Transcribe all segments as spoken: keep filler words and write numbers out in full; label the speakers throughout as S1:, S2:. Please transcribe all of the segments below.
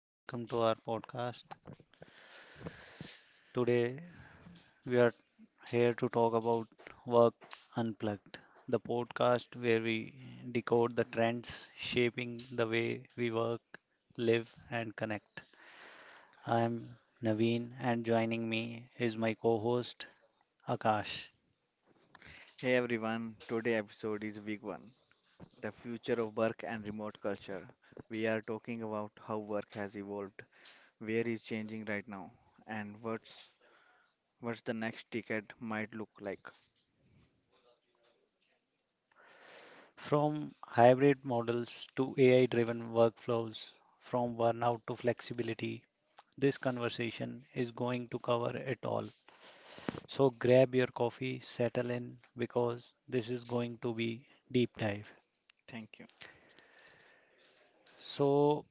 S1: welcome to our podcast. Today we are here to talk about Work Unplugged, the podcast where we decode the trends shaping the way we work, live, and connect. I am Naveen, and joining me is my co host Akash.
S2: Hey everyone, today episode is week one. The future of work and remote culture. We are talking about how work has evolved, where is changing right now, and what's what's the next decade might look like.
S1: From hybrid models to A I driven workflows, from burnout to flexibility, this conversation is going to cover it all. So grab your coffee, settle in because this is going to be deep dive.
S2: Thank you.
S1: So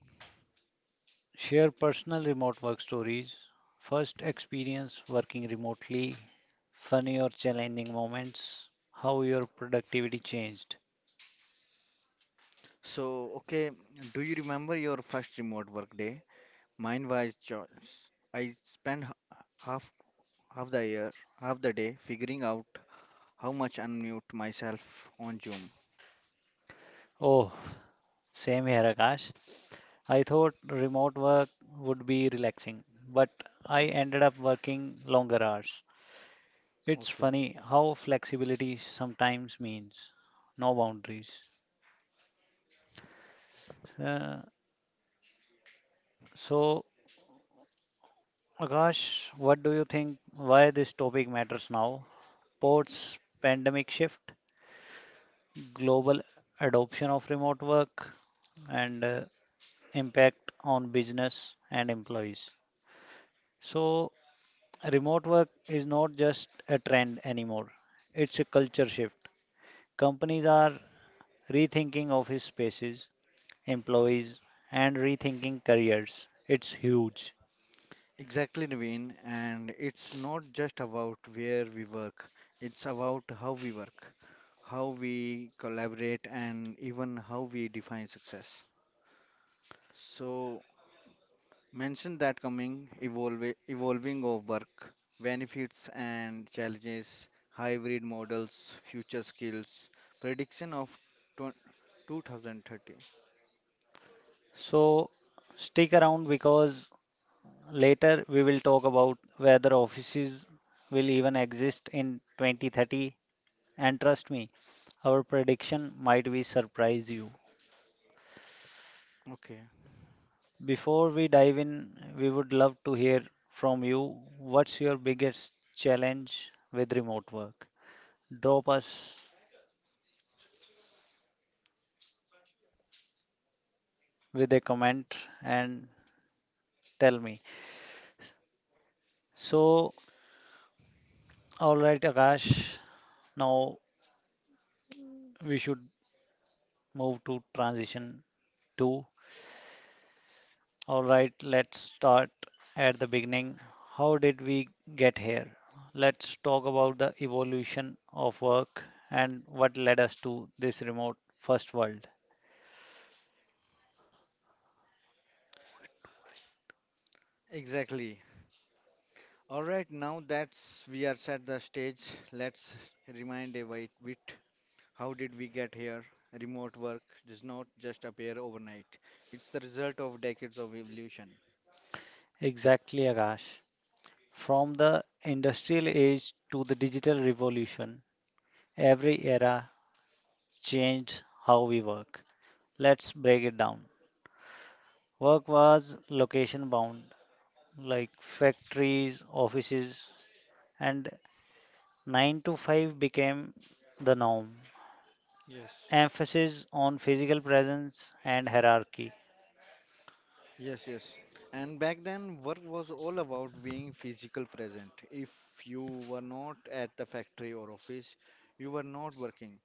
S1: share personal remote work stories, first experience working remotely, funny or challenging moments, how your productivity changed.
S2: So, okay, do you remember your first remote work day? Mine was choice. I spent h- half half the year, half the day figuring out how much unmute myself on Zoom.
S1: Oh, same here Akash. I thought remote work would be relaxing, but I ended up working longer hours. It's
S2: Okay.
S1: funny how flexibility sometimes means no boundaries. Uh, So, Akash, what do you think why this topic matters now? Ports, pandemic shift, global adoption of remote work, and uh, impact on business and employees. So, remote work is not just a trend anymore, it's a culture shift. Companies are rethinking office spaces, employees, and rethinking careers. It's huge.
S2: Exactly, Naveen. And it's not just about where we work, it's about how we work, how we collaborate, and even how we define success. So, mention that coming, evolve, evolving of work, benefits and challenges, hybrid models, future skills, prediction of twen- twenty thirty.
S1: So, stick around because later, we will talk about whether offices will even exist in twenty thirty. And trust me, our prediction might be surprise you.
S2: Okay,
S1: Before we dive in, we would love to hear from you. What's your biggest challenge with remote work? Drop us with a comment and tell me. So, all right, Akash, now we should move to transition two. All right, let's start at the beginning. How did we get here? Let's talk about the evolution of work and what led us to this remote first world.
S2: exactly. All right, now that's we are set the stage, let's remind a white bit. How did we get here? Remote work does not just appear overnight. It's the result of decades of evolution.
S1: Exactly, Akash. From the industrial age to the digital revolution, every era changed how we work. Let's break it down. Work was location bound, like factories, offices, and nine to five became the norm.
S2: Yes.
S1: Emphasis on physical presence and hierarchy,
S2: Yes, yes. And back then, work was all about being physical present. If you were not at the factory or office, you were not working.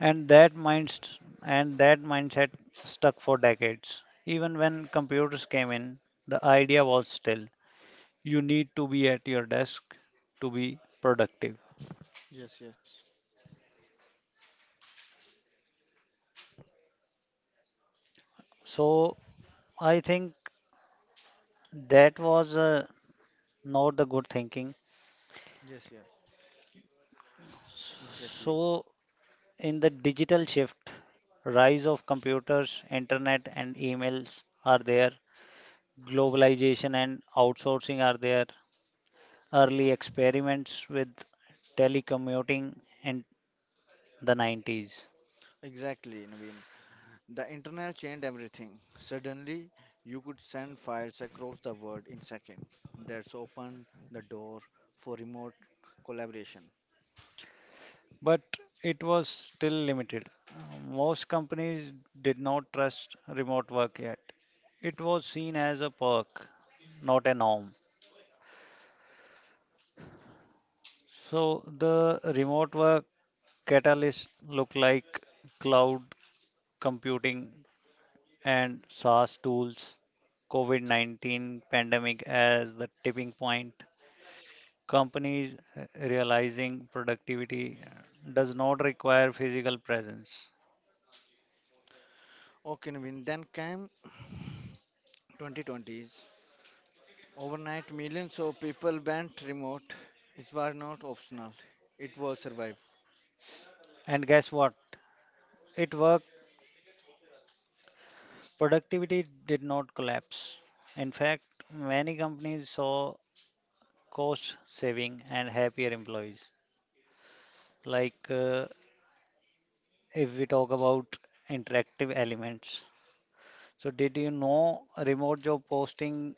S1: and that mind and that mindset stuck for decades. Even when computers came in, the idea was still you need to be at your desk to be productive.
S2: Yes, yes.
S1: So I think that was uh, not the good thinking.
S2: Yes, yeah. Exactly.
S1: So in the digital shift, rise of computers, internet and emails are there, globalization and outsourcing are there, early experiments with telecommuting in the nineties,
S2: Exactly, Naveen. The internet changed everything. Suddenly, you could send files across the world in seconds. That's opened the door for remote collaboration.
S1: but it was still limited. Most companies did not trust remote work yet. It was seen as a perk, not a norm. So the remote work catalyst look like cloud computing and SaaS tools, COVID nineteen pandemic as the tipping point, companies uh, realizing productivity uh, does not require physical presence.
S2: Okay, Naveen. Then came twenty twenties. Overnight, millions of people went remote. It was not optional. It was survive.
S1: And guess what? It worked. Productivity did not collapse. In fact, many companies saw cost saving and happier employees. Like uh, if we talk about interactive elements. So, did you know remote job posting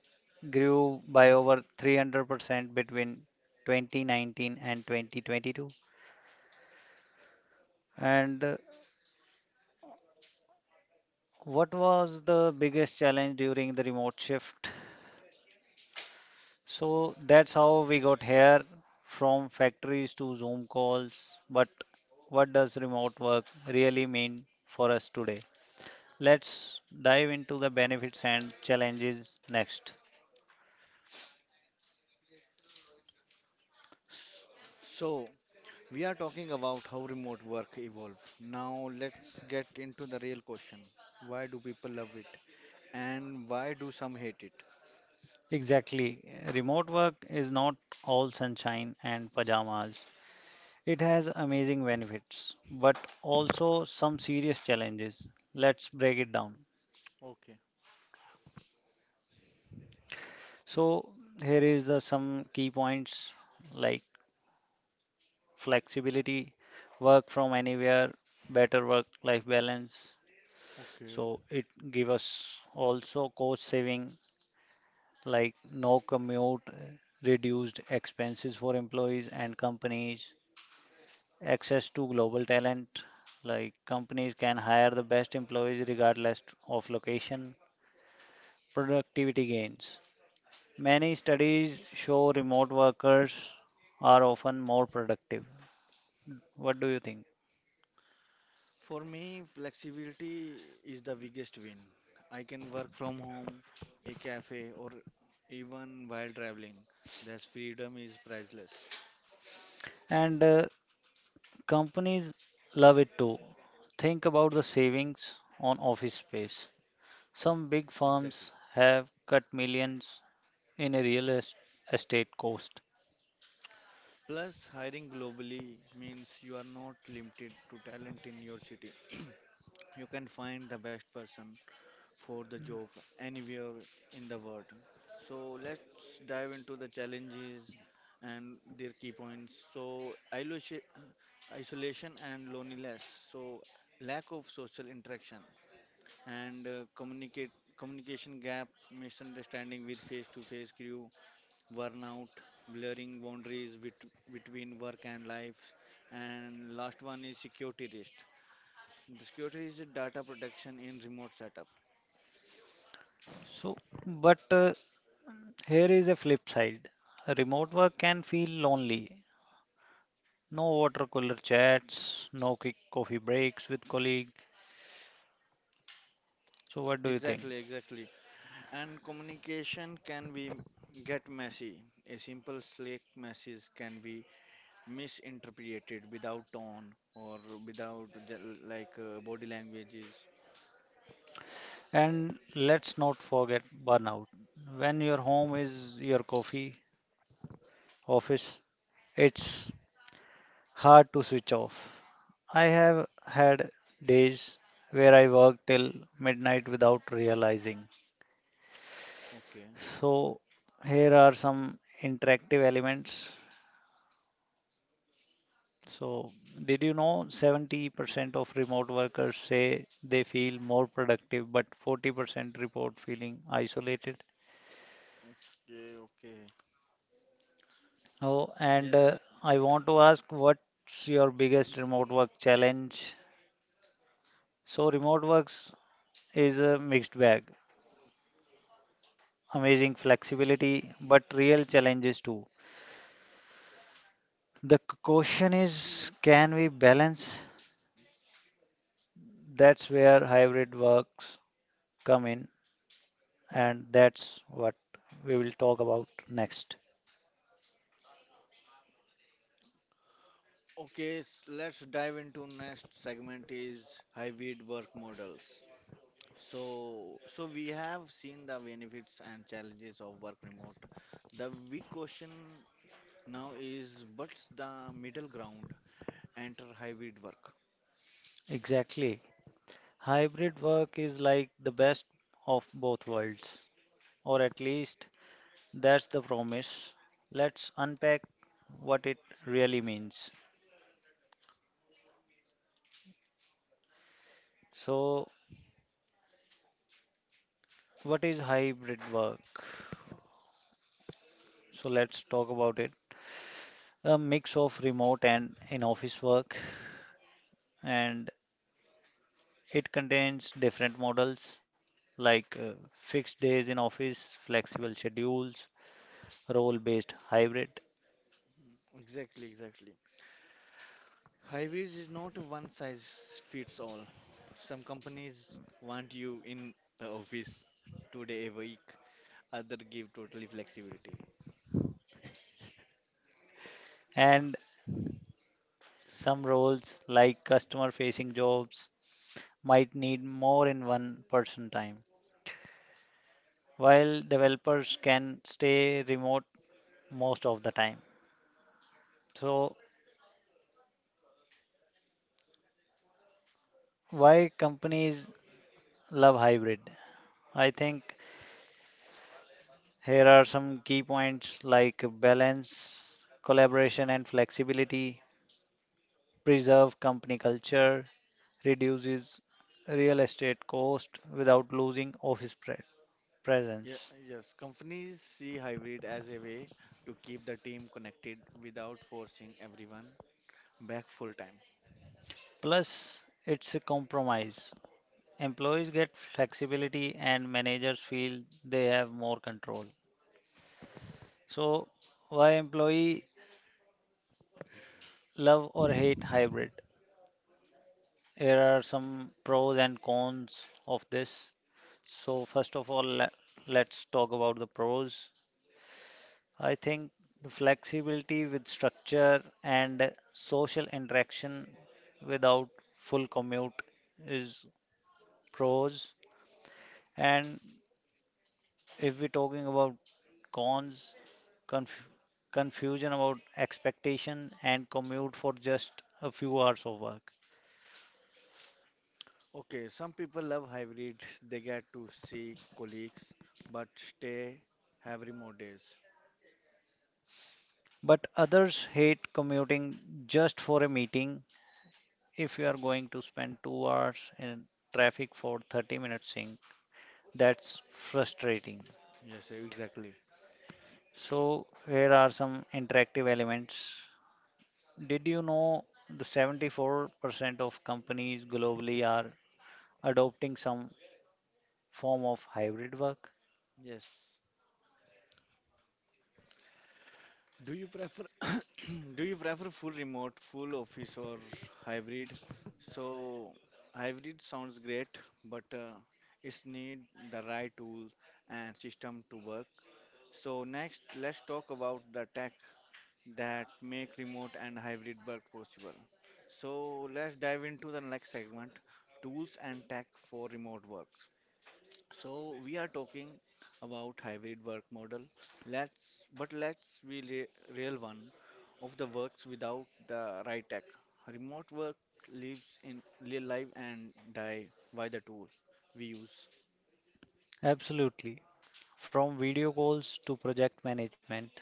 S1: grew by over three hundred percent between twenty nineteen and twenty twenty-two? And uh, What was the biggest challenge during the remote shift? So that's how we got here, from factories to Zoom calls. But what does remote work really mean for us today? Let's dive into the benefits and challenges next.
S2: S- So, we are talking about how remote work evolved. Now, let's get into the real question. Why do people love it? And why do some hate it?
S1: Exactly. Remote work is not all sunshine and pajamas. It has amazing benefits, but also some serious challenges. Let's break it down.
S2: Okay,
S1: So here is the some key points like flexibility, work from anywhere, better work-life balance.
S2: okay.
S1: So it give us also cost saving, like no commute, reduced expenses for employees and companies, access to global talent, like companies can hire the best employees regardless of location, productivity gains. Many studies show remote workers are often more productive. What do you think?
S2: For me, flexibility is the biggest win. I can work from home, a cafe, or even while traveling. Thus, freedom is priceless.
S1: And uh, companies love it too. Think about the savings on office space. Some big firms
S2: Exactly.
S1: have cut millions in a real es- estate cost.
S2: Plus, hiring globally means you are not limited to talent in your city. You can find the best person for the job anywhere in the world. So let's dive into the challenges and their key points. So isolation isolation and loneliness. So lack of social interaction and uh, communicate communication gap, misunderstanding with face-to-face crew, burnout, blurring boundaries bet- between work and life, and last one is security risk. The security is the data protection in remote setup.
S1: So, but uh, here is a flip side. Remote work can feel lonely. No water cooler chats, no quick coffee breaks with colleagues. So, what do you think?
S2: Exactly, exactly. And communication can be get messy. A simple Slack message can be misinterpreted without tone or without j- like uh, body languages.
S1: And let's not forget burnout. When your home is your coffee, office, it's hard to switch off. I have had days where I work till midnight without realizing.
S2: Okay,
S1: So, here are some interactive elements. So, did you know seventy percent of remote workers say they feel more productive, but forty percent report feeling isolated?
S2: okay, okay.
S1: Oh, and uh,
S2: Yes.
S1: I want to ask, what's your biggest remote work challenge? So, remote works is a mixed bag. Amazing flexibility, but real challenges too. The c- question is, can we balance? That's where hybrid works come in, and that's what we will talk about next.
S2: Okay, s- let's dive into next segment is hybrid work models. So, so we have seen the benefits and challenges of work remote. The big question now is what's the middle ground? Enter hybrid work.
S1: Exactly. Hybrid work is like the best of both worlds, or at least that's the promise. Let's unpack what it really means. So, what is hybrid work? So, let's talk about it. A mix of remote and in office work, and it contains different models like uh, fixed days in office, flexible schedules, role based hybrid,
S2: Exactly, exactly. Hybrids is not a one size fits all. Some companies want you in the office two day a week, other give totally flexibility.
S1: and some roles like customer facing jobs might need more in one person time, while developers can stay remote most of the time. So, why companies love hybrid? I think here are some key points like balance, collaboration and flexibility, preserve company culture, reduces real estate cost without losing office pre-
S2: Yeah,
S1: presence.
S2: yes, companies see hybrid as a way to keep the team connected without forcing everyone back full time.
S1: Plus, it's a compromise. Employees get flexibility and managers feel they have more control. So, why employee love or hate hybrid? Here are some pros and cons of this. So first of all, le- let's talk about the pros. I think the flexibility with structure and social interaction without full commute is pros. And if we're talking about cons, conf- confusion about expectation and commute for just a few hours of work.
S2: Okay, some people love hybrid, they get to see colleagues, but stay have remote days.
S1: But others hate commuting just for a meeting. If you are going to spend two hours in traffic for thirty minutes, that's frustrating.
S2: Yes, exactly.
S1: So, here are some interactive elements. Did you know the seventy-four percent of companies globally are adopting some form of hybrid work?
S2: Yes. Do you prefer do you prefer full remote, full office or hybrid? So hybrid sounds great, but uh, it's need the right tool and system to work. So next, let's talk about the tech that make remote and hybrid work possible. So let's dive into the next segment, tools and tech for remote work. So we are talking about hybrid work model. Let's but let's be re- real, one of the works without the right tech. Remote work lives in li- live and die by the tools we use.
S1: Absolutely. From video calls to project management,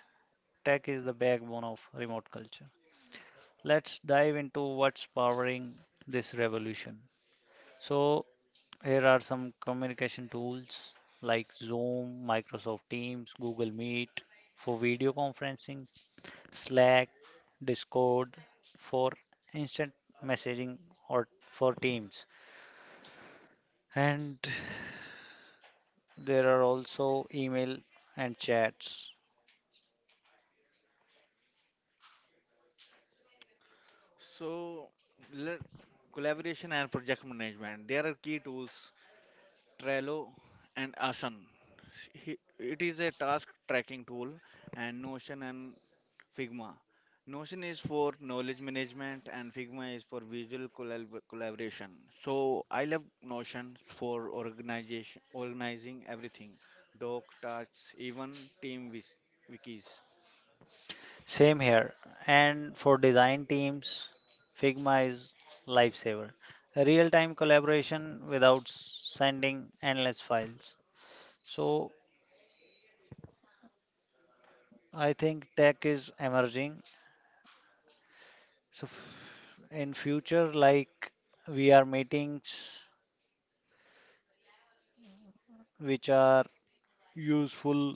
S1: tech is the backbone of remote culture. Let's dive into what's powering this revolution. So, here are some communication tools like Zoom, Microsoft Teams, Google Meet for video conferencing, Slack, Discord for instant messaging or for Teams. And there are also email and chats.
S2: So let, collaboration and project management. There are key tools Trello, and Asana. He- It is a task tracking tool, and Notion and Figma. Notion is for knowledge management, and Figma is for visual collab- collaboration. So I love Notion for organization, organizing everything, doc tasks, even team wis- wikis.
S1: Same here. And for design teams, Figma is lifesaver. A real-time collaboration without sending endless files. So I think tech is emerging. So f- in future, like we are meetings which are useful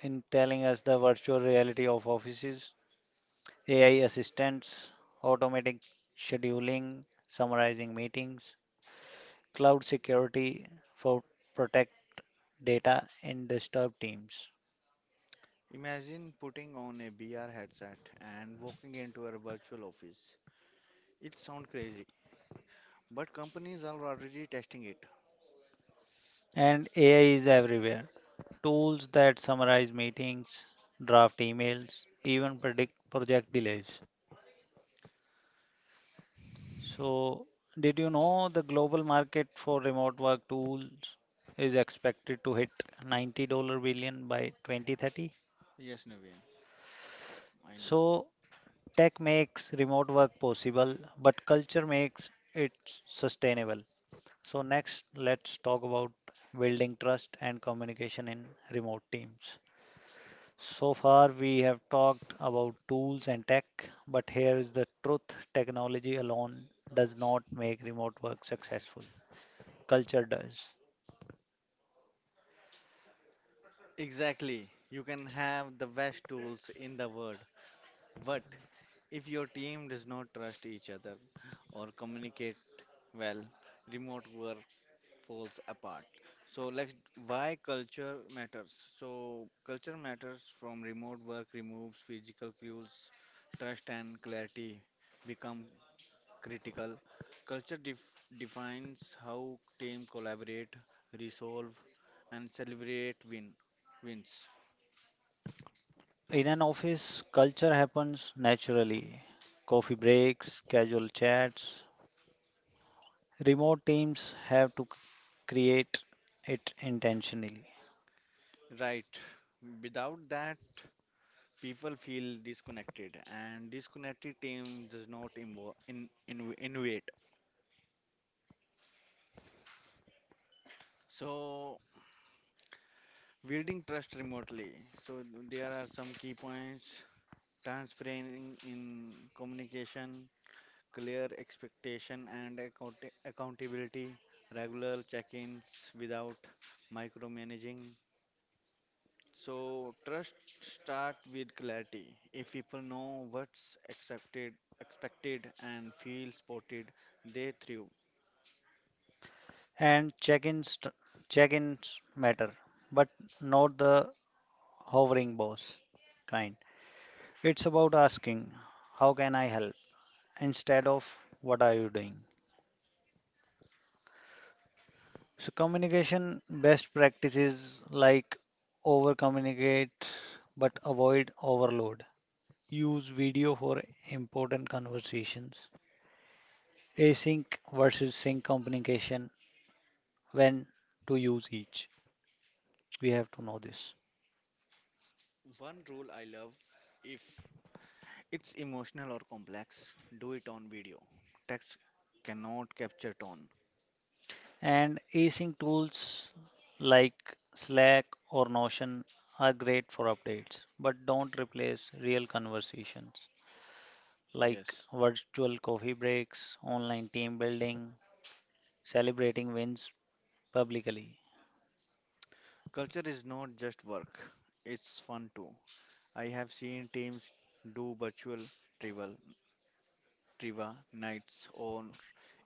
S1: in telling us the virtual reality of offices, A I assistants, automatic scheduling, summarizing meetings, cloud security for protect data and disturb teams.
S2: Imagine putting on a V R headset and walking into a virtual office. It sounds crazy, but companies are already testing it.
S1: And A I is everywhere. Tools that summarize meetings, draft emails, even predict project delays. So, did you know the global market for remote work tools is expected to hit ninety dollar billion by twenty thirty?
S2: Yes, Naveen. I know.
S1: So, tech makes remote work possible, but culture makes it sustainable. So, next, let's talk about building trust and communication in remote teams. So far, we have talked about tools and tech, but here is the truth, technology alone does not make remote work successful. Culture does.
S2: Exactly. You can have the best tools in the world, but if your team does not trust each other or communicate well, remote work falls apart. So let's, why culture matters. So culture matters from remote work removes physical cues, trust and clarity become critical. Culture def- defines how team collaborate, resolve, and celebrate win wins.
S1: In an office, culture happens naturally. Coffee breaks, casual chats. Remote teams have to create it intentionally.
S2: Right. Without that, people feel disconnected, and disconnected team does not invo- in, in, innovate. So, building trust remotely. So, there are some key points: transparent in communication, clear expectation and account- accountability, regular check-ins without micromanaging. So trust start with clarity. If people know what's accepted, expected, and feel supported, they thrive.
S1: And check-ins check-ins matter, but not the hovering boss kind. It's about asking, how can I help? Instead of, what are you doing? So communication best practices like over communicate but avoid overload. Use video for important conversations. Async versus sync communication, when to use each. We have to know this.
S2: I love, if it's emotional or complex, do it on video. Text cannot capture tone.
S1: And async tools like Slack or Notion are great for updates, but don't replace real conversations like
S2: Yes,
S1: virtual coffee breaks, online team building, celebrating wins publicly.
S2: culture is not just work. It's fun too. I have seen teams do virtual tribal trivia nights or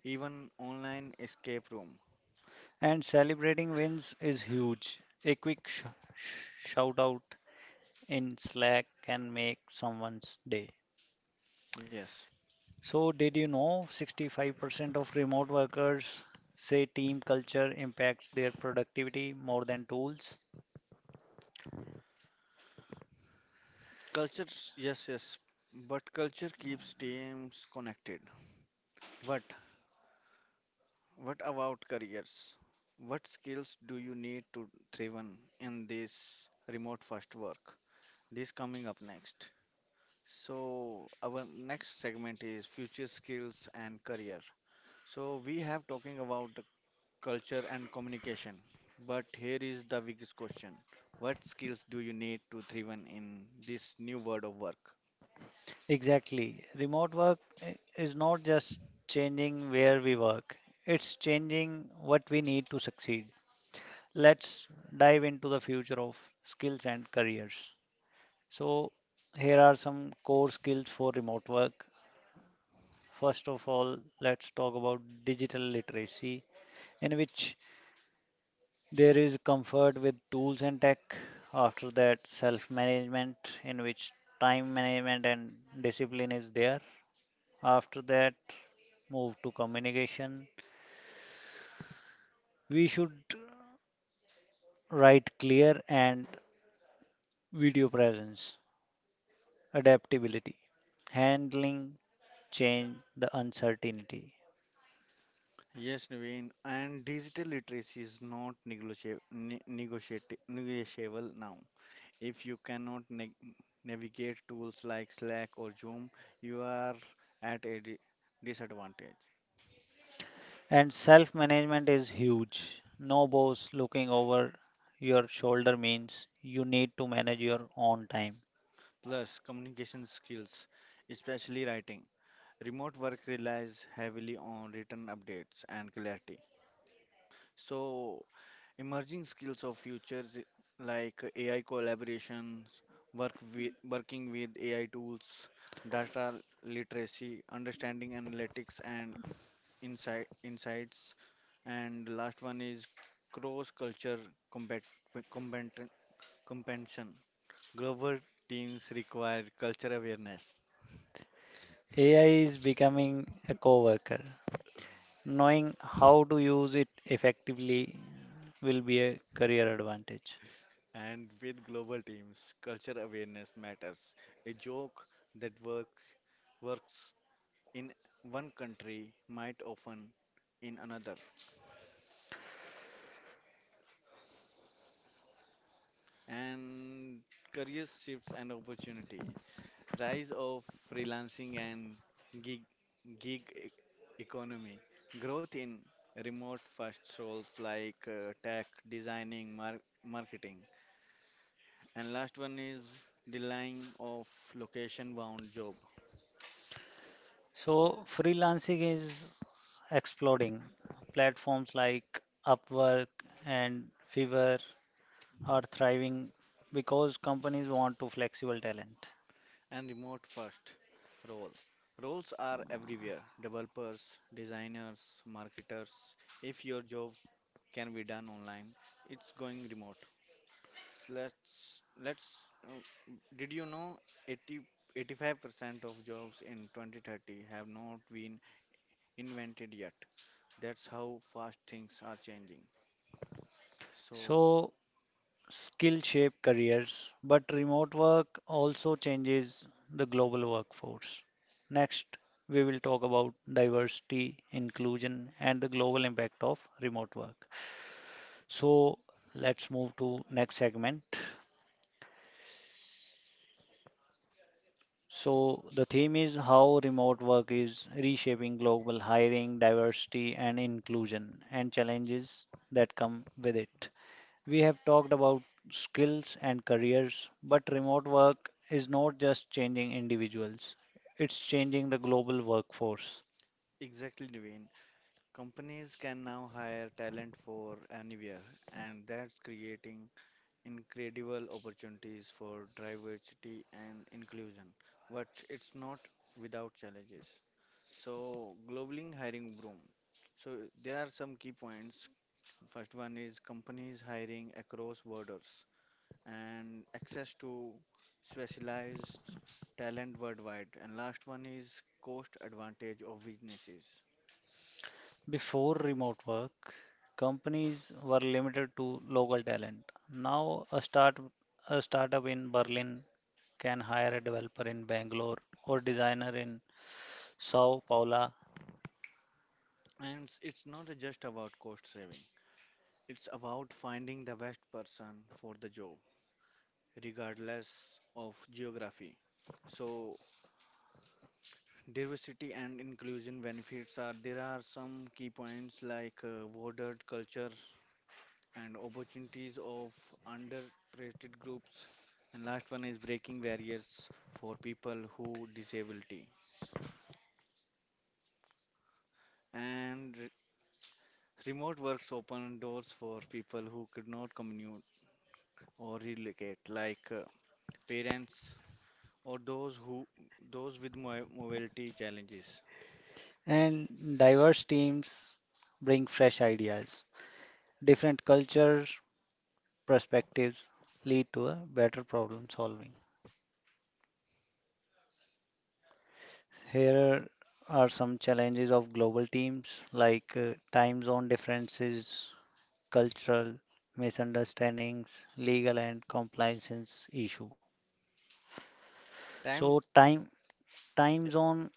S2: even online escape room.
S1: And celebrating wins is huge. A quick sh- sh- shout out in Slack can make someone's day.
S2: Yes.
S1: So, did you know sixty-five percent of remote workers say team culture impacts their productivity more than tools?
S2: Cultures, yes, yes, but culture keeps teams connected. But what about careers? What skills do you need to thrive on in this remote first work? This coming up next. So our next segment is future skills and career. So we have talking about the culture and communication, but here is the biggest question. What skills do you need to thrive on in this new world of work?
S1: Exactly. Remote work is not just changing where we work, it's changing what we need to succeed. Let's dive into the future of skills and careers. So, here are some core skills for remote work. First of all, let's talk about digital literacy, in which there is comfort with tools and tech. After that, self management, in which time management and discipline is there. After that, move to communication. We should write clear and video presence, adaptability, handling change, the uncertainty.
S2: Yes, Naveen, and digital literacy is not negotiable, negotiati negotiable now. If you cannot neg navigate tools like Slack or Zoom, you are at a di disadvantage.
S1: And self management is huge. No boss looking over your shoulder means you need to manage your own time.
S2: Plus, communication skills, especially writing. Remote work relies heavily on written updates and clarity. So, emerging skills of futures i- like A I collaborations, work with, working with A I tools, data literacy, understanding analytics and insight, insights, and last one is cross-culture combat, combat, compension. Global teams require culture awareness,
S1: A I is becoming a coworker. Knowing how to use it effectively will be a career advantage.
S2: and with global teams, culture awareness matters. A joke that work, works in one country might often in another. And career shifts and opportunity, rise of freelancing and gig, gig e- economy, growth in remote first roles like uh, tech designing mar- marketing, and last one is delaying of location bound job.
S1: So, freelancing is exploding. Platforms like Upwork and Fiverr are thriving because companies want to flexible talent.
S2: And remote first role roles are everywhere, developers designers marketers. If your job can be done online, it's going remote. So Let's let's. Uh, did you know 80 eighty-five percent of jobs in twenty thirty have not been invented yet? That's how fast things are changing. So
S1: So, skill shape careers, but remote work also changes the global workforce. Next, we will talk about diversity, inclusion, and the global impact of remote work. So, let's move to next segment. So, the theme is how remote work is reshaping global hiring, diversity, and inclusion, and challenges that come with it. We have talked about skills and careers, but remote work is not just changing individuals, it's changing the global workforce.
S2: exactly, Devin. Companies can now hire talent for anywhere, and that's creating incredible opportunities for diversity and inclusion, but it's not without challenges. So, global hiring boom. So, there are some key points. First one is companies hiring across borders and access to specialized talent worldwide. And last one is cost advantage of businesses.
S1: Before remote work, companies were limited to local talent. Now, a, start, a startup in Berlin can hire a developer in Bangalore or designer in Sao Paulo,
S2: And it's it's not just about cost saving. It's about finding the best person for the job, regardless of geography. So, diversity and inclusion benefits, are there are some key points like uh, watered culture and opportunities of underrepresented groups. And last one is breaking barriers for people who disabilities. And re- remote works open doors for people who could not commute or relocate, like uh, parents or those who those with mo- mobility challenges.
S1: and diverse teams bring fresh ideas, different cultures, perspectives lead to a better problem solving. Here are some challenges of global teams like uh, time zone differences, cultural misunderstandings, legal and compliance issue. So
S2: Time
S1: time time zone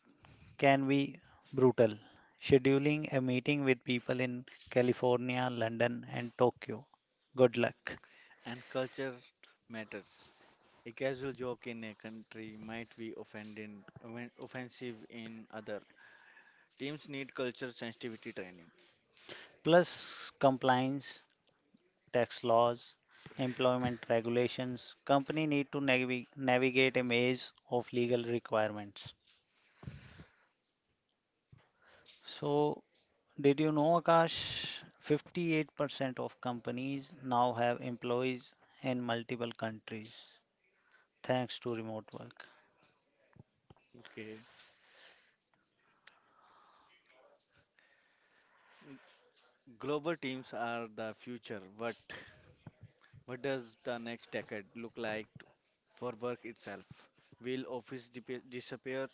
S1: can be brutal. Scheduling a meeting with people in California, London and Tokyo. Good luck.
S2: and culture matters. A casual joke in a country might be offending, offen- offensive in other. Teams need culture sensitivity training.
S1: Plus compliance, tax laws, employment regulations, company need to navi- navigate a maze of legal requirements. So, did you know, Akash, fifty-eight percent of companies now have employees in multiple countries thanks to remote work.
S2: Okay, global teams are the future, but what does the next decade look like t- for work itself? Will office dip- disappear?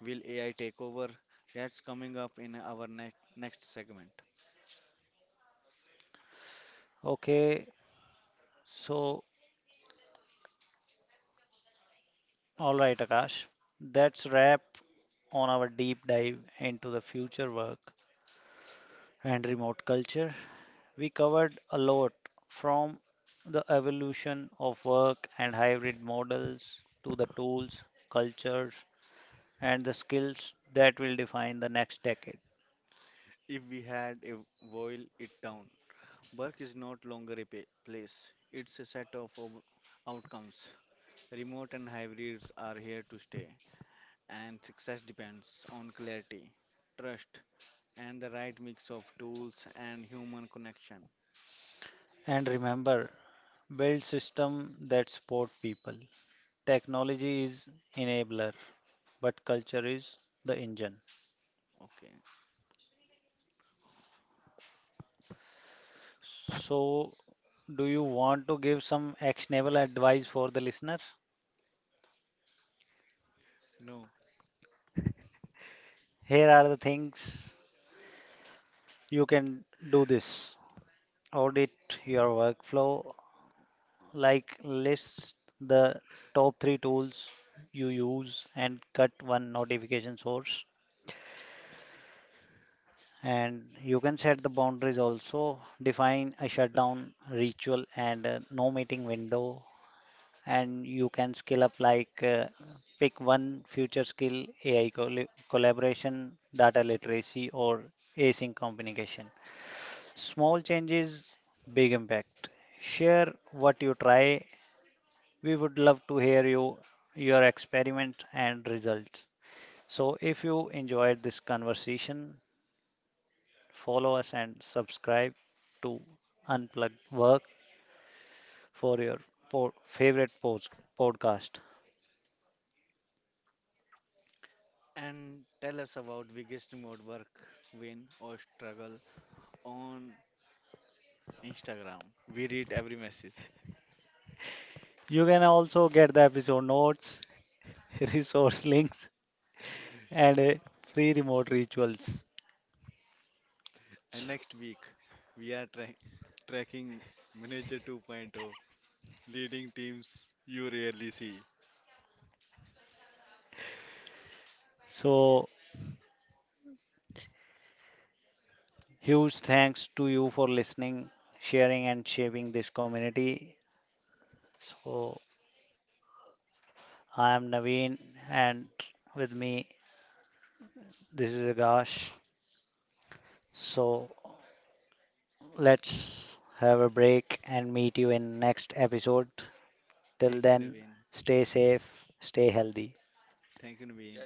S2: Will A I take over? That's coming up in our next next segment.
S1: Okay, so all right, Akash, that's wrap on our deep dive into the future work and remote culture. We covered a lot, from the evolution of work and hybrid models to the tools, cultures, and the skills that will define the next decade.
S2: If we had a boil it down, work is not longer a pa- place, it's a set of ob- outcomes. Remote and hybrids are here to stay, and success depends on clarity, trust, and the right mix of tools and human connection.
S1: And remember, build systems that support people. Technology is enabler, but culture is the engine.
S2: Okay,
S1: So, do you want to give some actionable advice for the listener?
S2: no.
S1: Here are the things you can do this. Audit your workflow like list the top three tools you use and cut one notification source. And you can set the boundaries also, define a shutdown ritual and a no meeting window. And you can scale up like uh, pick one future skill, A I colla- collaboration, data literacy, or async communication. Small changes, big impact. Share what you try. We would love to hear you, your experiment and results. So if you enjoyed this conversation, follow us and subscribe to Unplug Work for your po- favorite post- podcast.
S2: And tell us about biggest remote work win or struggle on Instagram. We read every message.
S1: You can also get the episode notes, resource links, and uh, free remote rituals.
S2: And next week, we are trying tracking manager 2.0, leading teams you rarely see.
S1: So, huge thanks to you for listening, sharing, and shaping this community. So, I am Naveen, and with me this is Akash. So let's have a break and meet you in next episode. Till
S2: Thank you,
S1: then,
S2: Naveen.
S1: stay safe, stay healthy.
S2: Thank you, Naveen.